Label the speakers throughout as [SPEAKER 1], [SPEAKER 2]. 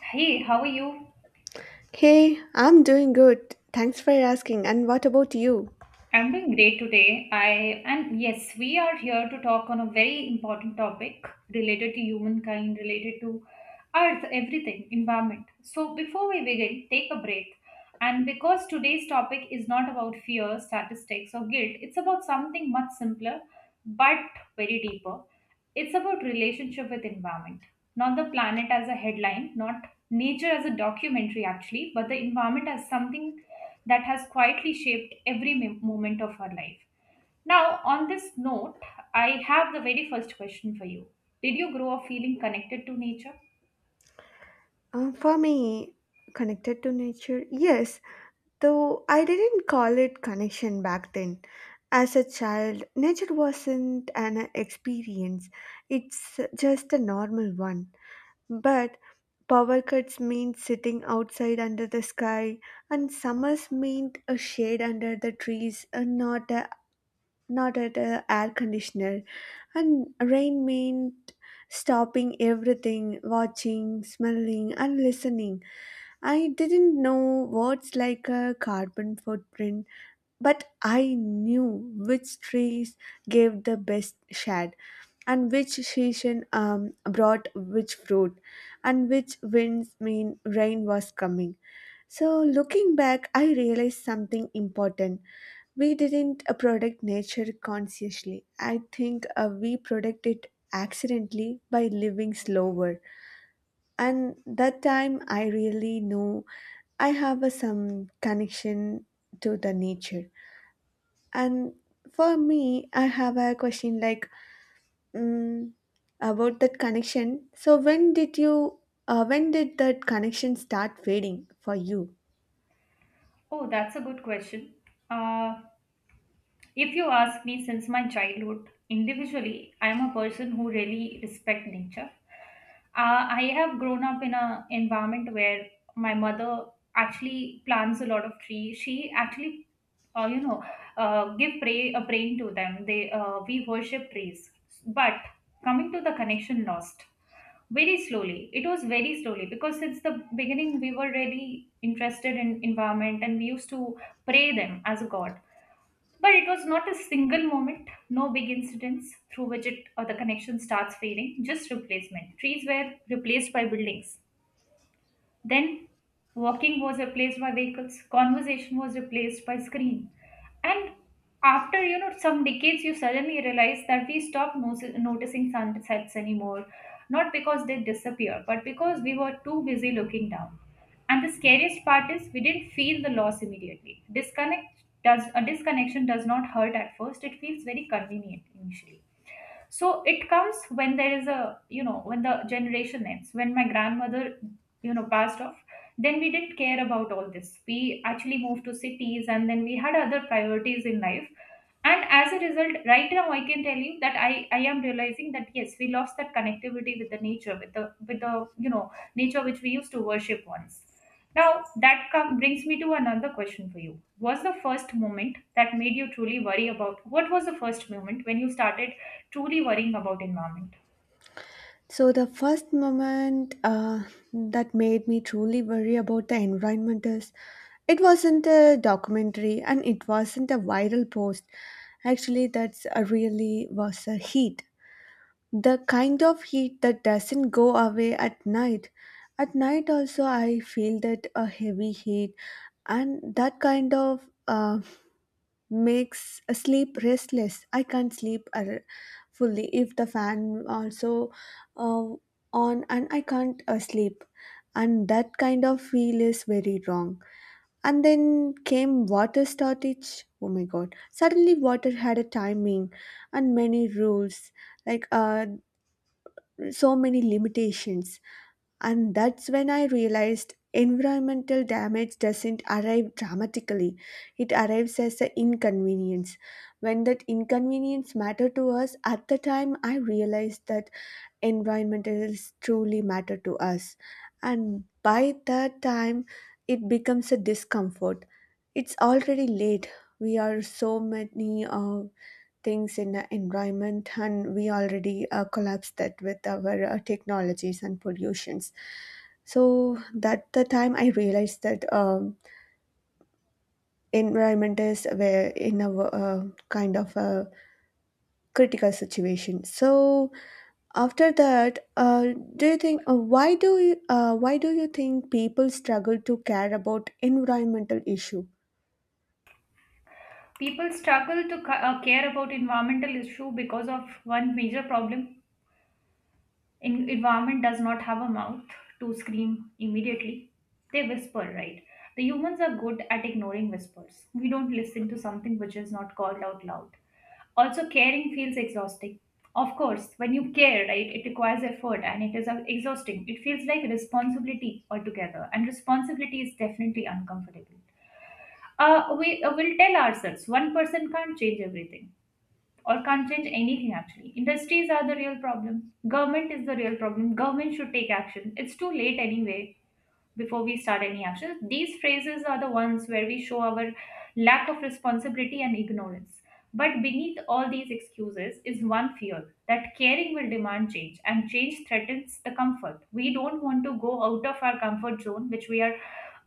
[SPEAKER 1] Hey, how are you?
[SPEAKER 2] Hey, I'm doing good. Thanks for asking. And what about you?
[SPEAKER 1] I'm doing great today. I and yes, we are here to talk on a very important topic related to humankind, related to earth, everything, environment. So before we begin, take a breath. And because today's topic is not about fear, statistics, or guilt, it's about something much simpler but very deeper. It's about relationship with environment, not the planet as a headline, not nature as a documentary actually, but the environment as something that has quietly shaped every moment of our life. Now, on this note, I have the very first question for you. Did you grow up feeling connected to nature?
[SPEAKER 2] For me, connected to nature, yes, though I didn't call it connection back then. As a child, nature wasn't an experience, it's just a normal one. But power cuts meant sitting outside under the sky, and summers meant a shade under the trees and not at a air conditioner, and rain meant stopping everything, watching, smelling and listening. I didn't know words like a carbon footprint, but I knew which trees gave the best shade, and which season brought which fruit, and which winds mean rain was coming. So looking back, I realized something important: we didn't protect nature consciously. I think we protect it accidentally by living slower. And that time I really know I have a, some connection to the nature. And for me, I have a question like, mm, about that connection. So when did you, when did that connection start fading for you?
[SPEAKER 1] Oh, that's a good question. Uh, If you ask me, since my childhood, individually, I am a person who really respect nature. I have grown up in a environment where my mother actually plants a lot of trees. She actually, uh, you know, give pray a praying to them. They We worship trees. But coming to the connection lost, very slowly. It was very slowly because since the beginning we were really interested in environment, and we used to pray them as a god. But it was not a single moment, no big incidents through which it or the connection starts fading, just replacement. Trees were replaced by buildings. Then walking was replaced by vehicles, conversation was replaced by screen. And after some decades, you suddenly realize that we stopped noticing sunsets anymore, not because they disappear, but because we were too busy looking down. And the scariest part is we didn't feel the loss immediately. Disconnect does a disconnection does not hurt at first; it feels very convenient initially. So it comes when there is a, when the generation ends, when my grandmother passed off. Then we didn't care about all this. We actually moved to cities, and then we had other priorities in life. And as a result, right now, I can tell you that I am realizing that yes, we lost that connectivity with the nature, with the, nature which we used to worship once. Now, that brings me to another question for you. Was the first moment that made you truly worry about What was the first moment when you started truly worrying about environment?
[SPEAKER 2] So, the first moment that made me truly worry about the environment is, it wasn't a documentary and it wasn't a viral post. Actually, that's a really was a heat. The kind of heat that doesn't go away at night. At night, also, I feel that a heavy heat, and that kind of makes sleep restless. I can't sleep ar- Fully if the fan also uh, on, and I can't sleep. And that kind of feel is very wrong. And then came water shortage. Oh my god. Suddenly water had a timing and many rules, like, so many limitations. And that's when I realized environmental damage doesn't arrive dramatically, it arrives as an inconvenience. When that inconvenience matter to us, at the time I realized that environmentals truly matter to us. And by that time, it becomes a discomfort. It's already late. We are so many things in the environment, and we already collapsed that with our technologies and pollutions. So that the time I realized that, environment is where in a kind of a critical situation. So after that, do you think why do you why do you think people struggle to care about environmental issue?
[SPEAKER 1] People struggle to care about environmental issue because of one major problem. Environment does not have a mouth to scream immediately. They whisper, right? The humans are good at ignoring whispers. We don't listen to something which is not called out loud. Also, caring feels exhausting. Of course, when you care, right, it requires effort and it is exhausting. It feels like responsibility altogether, and responsibility is definitely uncomfortable. We will tell ourselves one person can't change everything or can't change anything actually. Industries are the real problem. Government is the real problem. Government should take action. It's too late anyway. Before we start any action, these phrases are the ones where we show our lack of responsibility and ignorance. But beneath all these excuses is one fear that caring will demand change, and change threatens the comfort. We don't want to go out of our comfort zone, which we are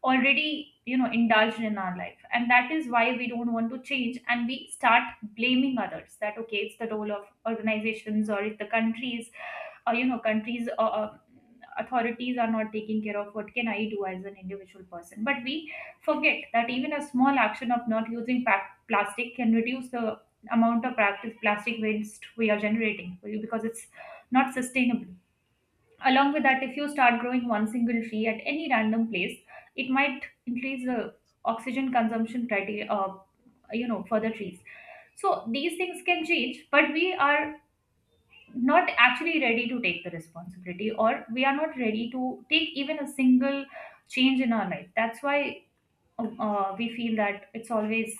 [SPEAKER 1] already indulged in our life, and that is why we don't want to change. And we start blaming others that, okay, it's the role of organizations, or it's the countries, or countries, authorities are not taking care of what can I do as an individual person. But we forget that even a small action of not using plastic can reduce the amount of practice plastic waste we are generating because it's not sustainable. Along with that, if you start growing one single tree at any random place, it might increase the oxygen consumption criteria, for the trees. So these things can change, but we are not actually ready to take the responsibility, or we are not ready to take even a single change in our life. That's why we feel that it's always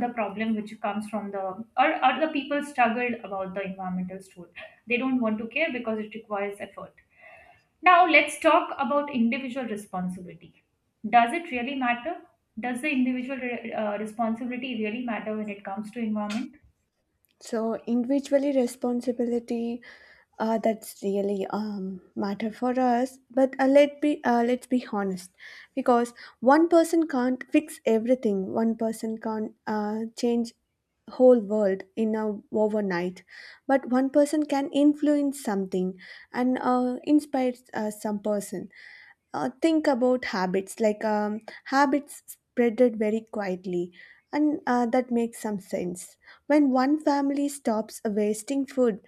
[SPEAKER 1] the problem which comes from the or the people struggled about the environmental store. They don't want to care because it requires effort. Now let's talk about individual responsibility. Does it really matter? Does the individual responsibility really matter when it comes to environment?
[SPEAKER 2] So individually responsibility, that's really matter for us. But let's be honest, because one person can't fix everything. One person can't change whole world in a overnight, but one person can influence something and inspire some person. Think about habits like, habits spreaded very quietly, and that makes some sense. When one family stops wasting food,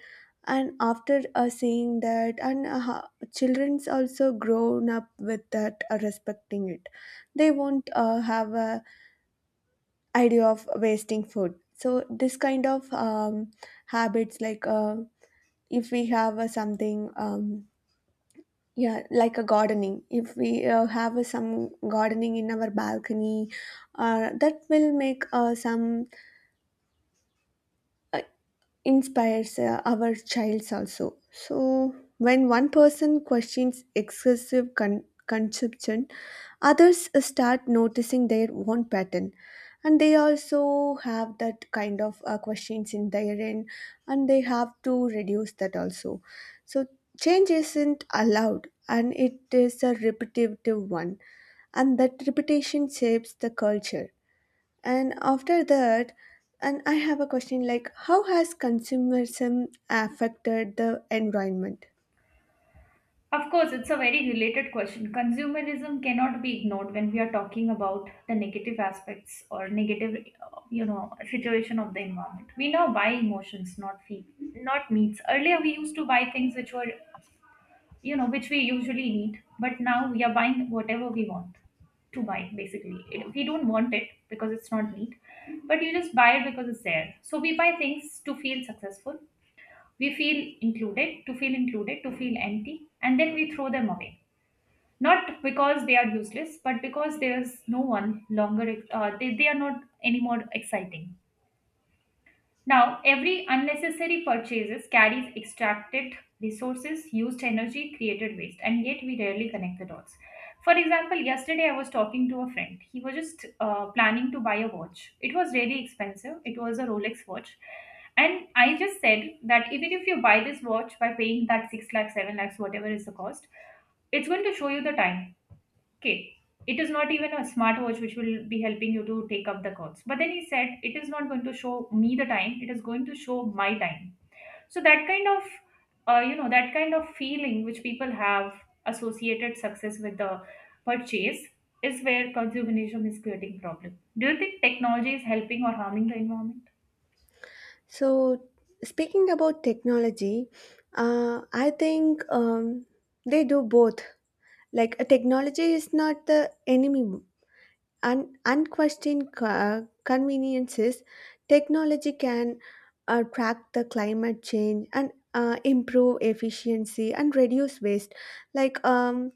[SPEAKER 2] and after seeing that, and children's also grown up with that respecting it, they won't have a idea of wasting food. So this kind of, habits like, if we have something, yeah, like a gardening. If we have some gardening in our balcony, that will make some uh, inspires our childs also. So, when one person questions excessive consumption, others start noticing their own pattern. And they also have that kind of questions in their end, and they have to reduce that also. So, change isn't allowed, and it is a repetitive one, and that repetition shapes the culture. And after that, and I have a question like, how has consumerism affected the environment?
[SPEAKER 1] Of course, it's a very related question. Consumerism cannot be ignored when we are talking about the negative aspects, or negative, situation of the environment. We now buy emotions, not feel, not needs. Earlier, we used to buy things which were, which we usually need, but now we are buying whatever we want to buy. Basically, we don't want it because it's not need, but you just buy it because it's there. So we buy things to feel successful. We feel included, to feel included, to feel empty, and then we throw them away, not because they are useless, but because there is no one longer they are not anymore exciting. Now every unnecessary purchases carries extracted resources, used energy, created waste, and yet we rarely connect the dots. For example, yesterday I was talking to a friend. He was just planning to buy a watch. It was really expensive. It was a Rolex watch. And I just said that even if you buy this watch by paying that 6 lakhs, 7 lakhs, whatever is the cost, it's going to show you the time. Okay, it is not even a smartwatch which will be helping you to take up the calls. But then he said it is not going to show me the time, it is going to show my time. So that kind of, feeling which people have, associated success with the purchase, is where consumerism is creating problem. Do you think technology is helping or harming the environment?
[SPEAKER 2] So, speaking about technology, I think they do both. Like, technology is not the enemy. Unquestioned conveniences, technology can track the climate change and improve efficiency and reduce waste. Like,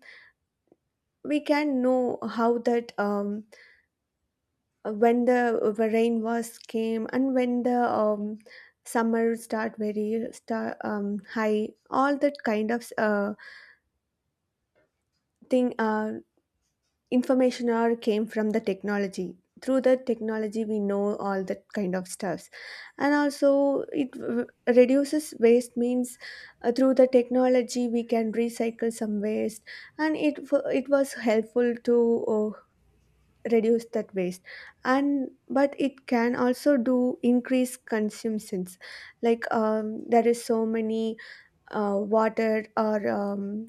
[SPEAKER 2] we can know how that, when the rain was came, and when the, summer start high, all that kind of thing, information are came from the technology. Through the technology we know all that kind of stuffs. And also it reduces waste means, through the technology we can recycle some waste, and it was helpful to reduce that waste. And but it can also do increase consumptions, like, there is so many water or,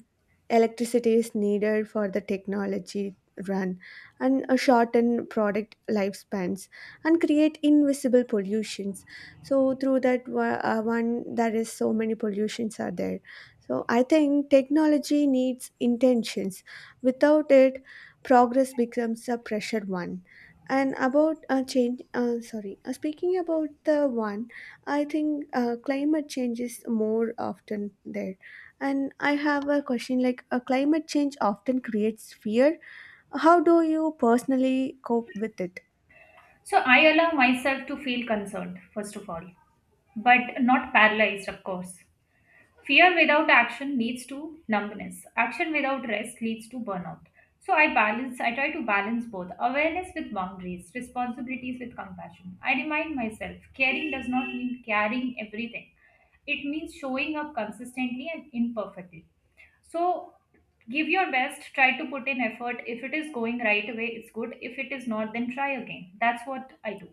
[SPEAKER 2] electricity is needed for the technology run, and shorten product lifespans and create invisible pollutions. So through that one, there is so many pollutions are there. So I think technology needs intentions. Without it, progress becomes a pressure one. And about change sorry speaking about the one, I think climate change is more often there. And I have a question like, climate change often creates fear. How do you personally cope with it?
[SPEAKER 1] So I allow myself to feel concerned first of all, but not paralyzed, of course. Fear without action leads to numbness. Action without rest leads to burnout. So I try to balance both awareness with boundaries, responsibilities with compassion. I remind myself caring does not mean carrying everything, it means showing up consistently and imperfectly. So give your best, try to put in effort. If it is going right away, it's good. If it is not, then try again. That's what I do.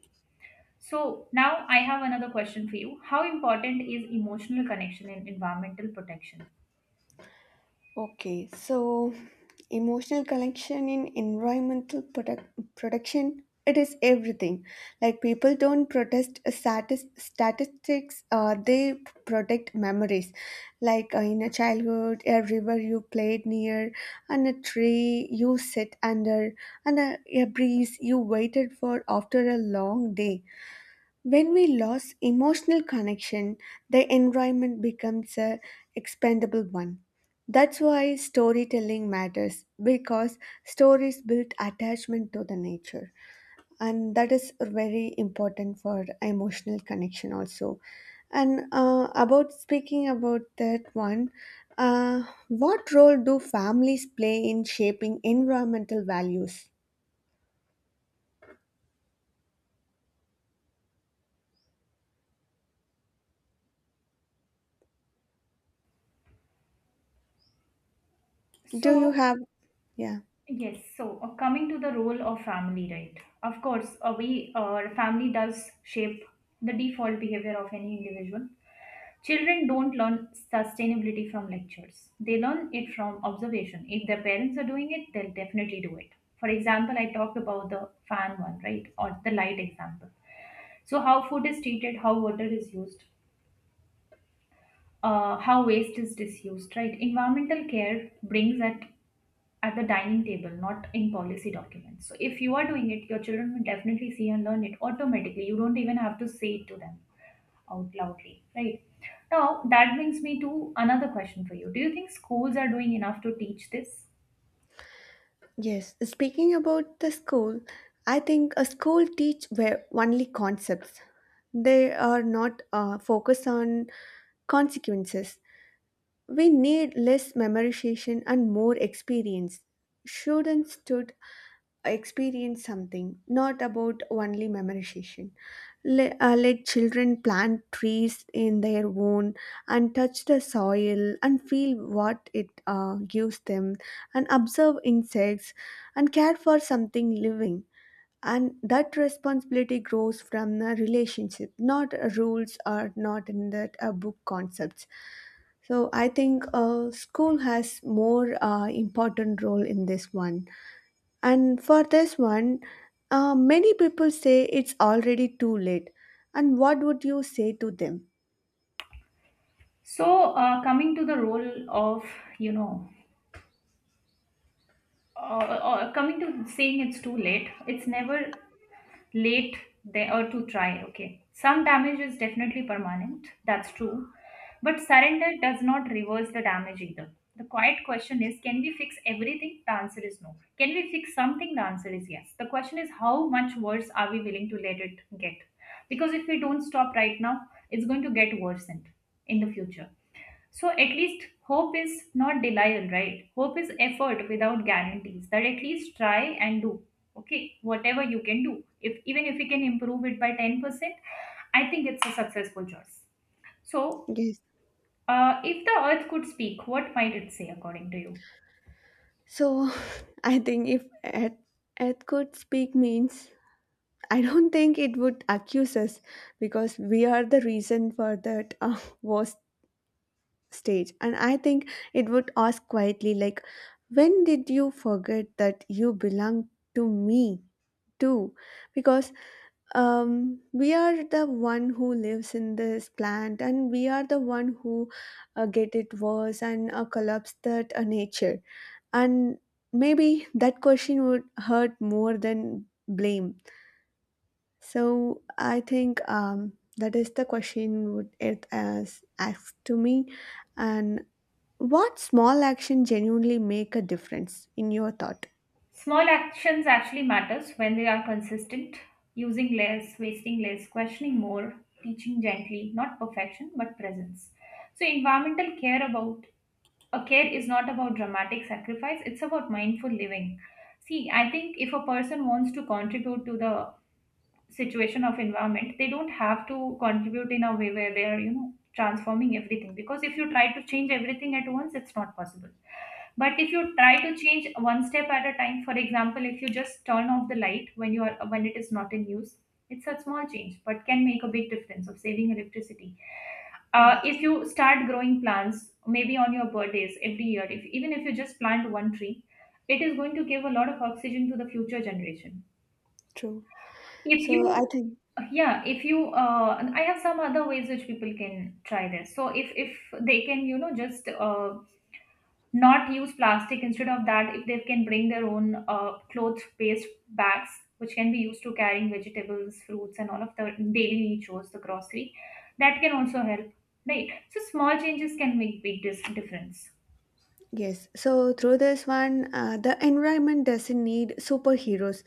[SPEAKER 1] So now I have another question for you. How important is emotional connection in environmental protection?
[SPEAKER 2] Okay, so emotional connection in production, it is everything. Like, people don't protest a statistics, they protect memories, like, in a childhood a river you played near, and a tree you sit under, and a breeze you waited for after a long day. When we lose emotional connection, the environment becomes a expendable one. That's why storytelling matters, because stories build attachment to the nature, and that is very important for emotional connection also. And about speaking about that one, uh, what role do families play in shaping environmental values? Do you
[SPEAKER 1] So
[SPEAKER 2] have, yeah.
[SPEAKER 1] yes, so coming to the role of family, right? Of course, we family does shape the default behavior of any individual. Children don't learn sustainability from lectures. They learn it from observation. If their parents are doing it, they'll definitely do it. For example, I talked about the fan one, right? Or the light example. So, how food is treated, how water is used, how waste is disused, right? Environmental care brings at the dining table, not in policy documents. So if you are doing it, your children will definitely see and learn it automatically. You don't even have to say it to them out loudly, right? Now that brings me to another question for you. Do you think schools are doing enough to teach this?
[SPEAKER 2] Yes, speaking about the school, I think a school teach where only concepts. They are not focused on consequences. We need less memorization and more experience. Students should experience something, not about only memorization. Let children plant trees in their own, and touch the soil and feel what it gives them, and observe insects, and care for something living. And that responsibility grows from the relationship, not rules or not in that book concepts. So I think school has more important role in this one. And for this one, many people say it's already too late. And what would you say to them?
[SPEAKER 1] So coming to the role of you know, uh, coming to saying it's too late. It's never late there or to try. Okay, some damage is definitely permanent. That's true, but surrender does not reverse the damage either. The quiet question is, can we fix everything? The answer is no. Can we fix something? The answer is yes. The question is, how much worse are we willing to let it get? Because if we don't stop right now, it's going to get worsened in the future. So at least hope is not denial, right? Hope is effort without guarantees. That at least try and do. Okay, whatever you can do. If even if you can improve it by 10%, I think it's a successful choice. So
[SPEAKER 2] Yes.
[SPEAKER 1] if the earth could speak, what might it say according to you?
[SPEAKER 2] So I think if Earth could speak means, I don't think it would accuse us, because we are the reason for that worst stage. And I think it would ask quietly, like, when did you forget that you belong to me too? Because, we are the one who lives in this plant, and we are the one who get it worse and collapse that nature. And maybe that question would hurt more than blame. So I think, that is the question would it as asked to me. And what small action genuinely make a difference in your thought?
[SPEAKER 1] Small actions actually matters when they are consistent, using less, wasting less, questioning more, teaching gently, not perfection but presence. So environmental care is not about dramatic sacrifice, it's about mindful living. See, I think if a person wants to contribute to the situation of environment, they don't have to contribute in a way where they are transforming everything, because if you try to change everything at once, it's not possible. But if you try to change one step at a time, for example, if you just turn off the light when you are when it is not in use, it's a small change but can make a big difference of saving electricity. If
[SPEAKER 2] Yes.
[SPEAKER 1] you start growing plants maybe on your birthdays every year, if even if you just plant one tree, it is going to give a lot of oxygen to the future generation.
[SPEAKER 2] True.
[SPEAKER 1] if
[SPEAKER 2] So I
[SPEAKER 1] you
[SPEAKER 2] think,
[SPEAKER 1] yeah if you uh and I have some other ways which people can try this. So if they can, you know just not use plastic. Instead of that, if they can bring their own cloth based bags which can be used to carrying vegetables, fruits, and all of the daily chores, the grocery, that can also help, right? So small changes can make big difference.
[SPEAKER 2] yes, so through this one, the environment doesn't need superheroes.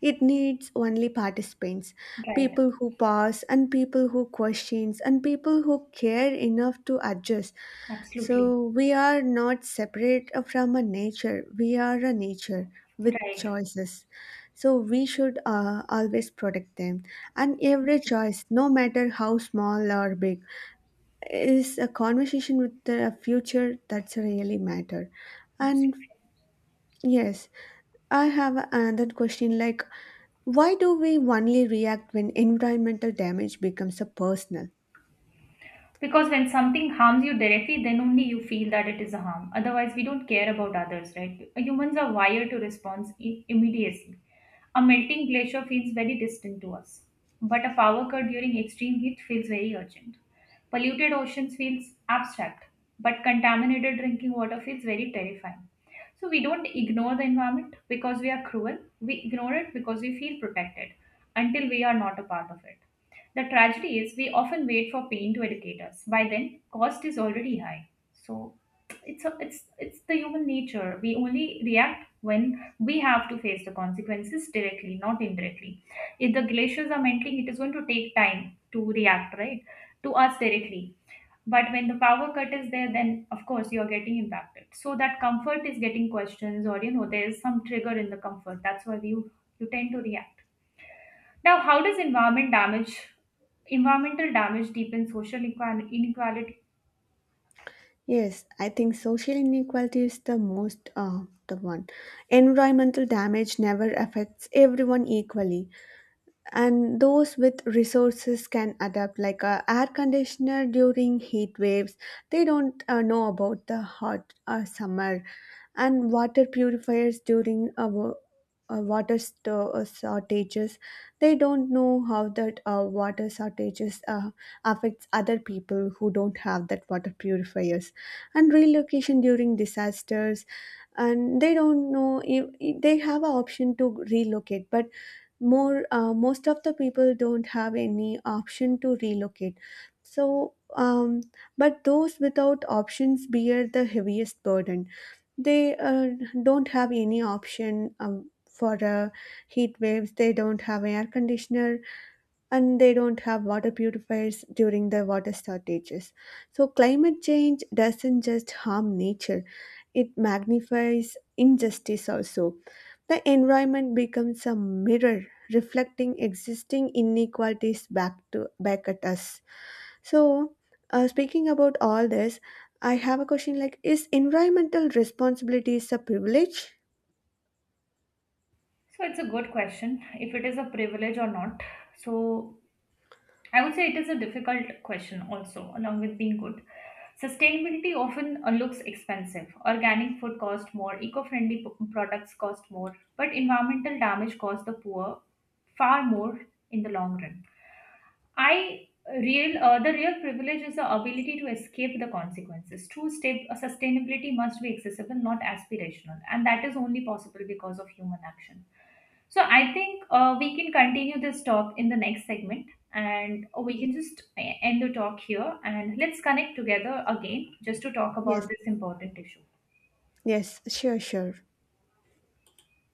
[SPEAKER 2] It needs only participants,
[SPEAKER 1] Right.
[SPEAKER 2] people who pause and people who questions and people who care enough to adjust.
[SPEAKER 1] Absolutely.
[SPEAKER 2] So we are not separate from a nature. We are a nature with
[SPEAKER 1] Right.
[SPEAKER 2] choices. So we should always protect them. And every
[SPEAKER 1] Absolutely.
[SPEAKER 2] choice, no matter how small or big, is a conversation with the future that's really matter. And
[SPEAKER 1] Absolutely.
[SPEAKER 2] yes, I have another question like, why do we only react when environmental damage becomes a personal?
[SPEAKER 1] Because when something harms you directly, then only you feel that it is a harm. Otherwise, we don't care about others, right? Humans are wired to respond immediately. A melting glacier feels very distant to us, but a power cut during extreme heat feels very urgent. Polluted oceans feels abstract, but contaminated drinking water feels very terrifying. So we don't ignore the environment because we are cruel. We ignore it because we feel protected until we are not a part of it. The tragedy is we often wait for pain to educate us. By then, cost is already high. So it's a, it's it's the human nature. We only react when we have to face the consequences directly, not indirectly. If the glaciers are melting, it is going to take time to react, right? To us directly, but when the power cut is there, then of course you're getting impacted. So that comfort is getting questions, or, there is some trigger in the comfort. That's why you tend to react. Now, how does environmental damage deepen social inequality?
[SPEAKER 2] Yes, I think social inequality is the most, the one. Environmental damage never affects everyone equally, and those with resources can adapt, like a air conditioner during heat waves. They don't know about the hot summer. And water purifiers during water shortages, they don't know how that water shortages affects other people who don't have that water purifiers. And relocation during disasters, and they don't know if they have an option to relocate, but more most of the people don't have any option to relocate. So, but those without options bear the heaviest burden. They don't have any option, for heat waves they don't have air conditioner, and they don't have water purifiers during the water shortages. So, climate change doesn't just harm nature, it magnifies injustice also. The environment becomes a mirror reflecting existing inequalities back to back at us. So, speaking about all this, I have a question like, is environmental responsibilities a privilege?
[SPEAKER 1] So it's a good question if it is a privilege or not. So I would say it is a difficult question also, along with being good. Sustainability often looks expensive. Organic food costs more, eco friendly products cost more, but environmental damage costs the poor far more in the long run. I real the real privilege is the ability to escape the consequences. True state Sustainability must be accessible, not aspirational, and that is only possible because of human action. So I think we can continue this talk in the next segment, and we
[SPEAKER 2] Ye-
[SPEAKER 1] can just end the talk here, and let's connect together again just to talk about
[SPEAKER 2] Yes.
[SPEAKER 1] this important issue.
[SPEAKER 2] Yes, sure, sure.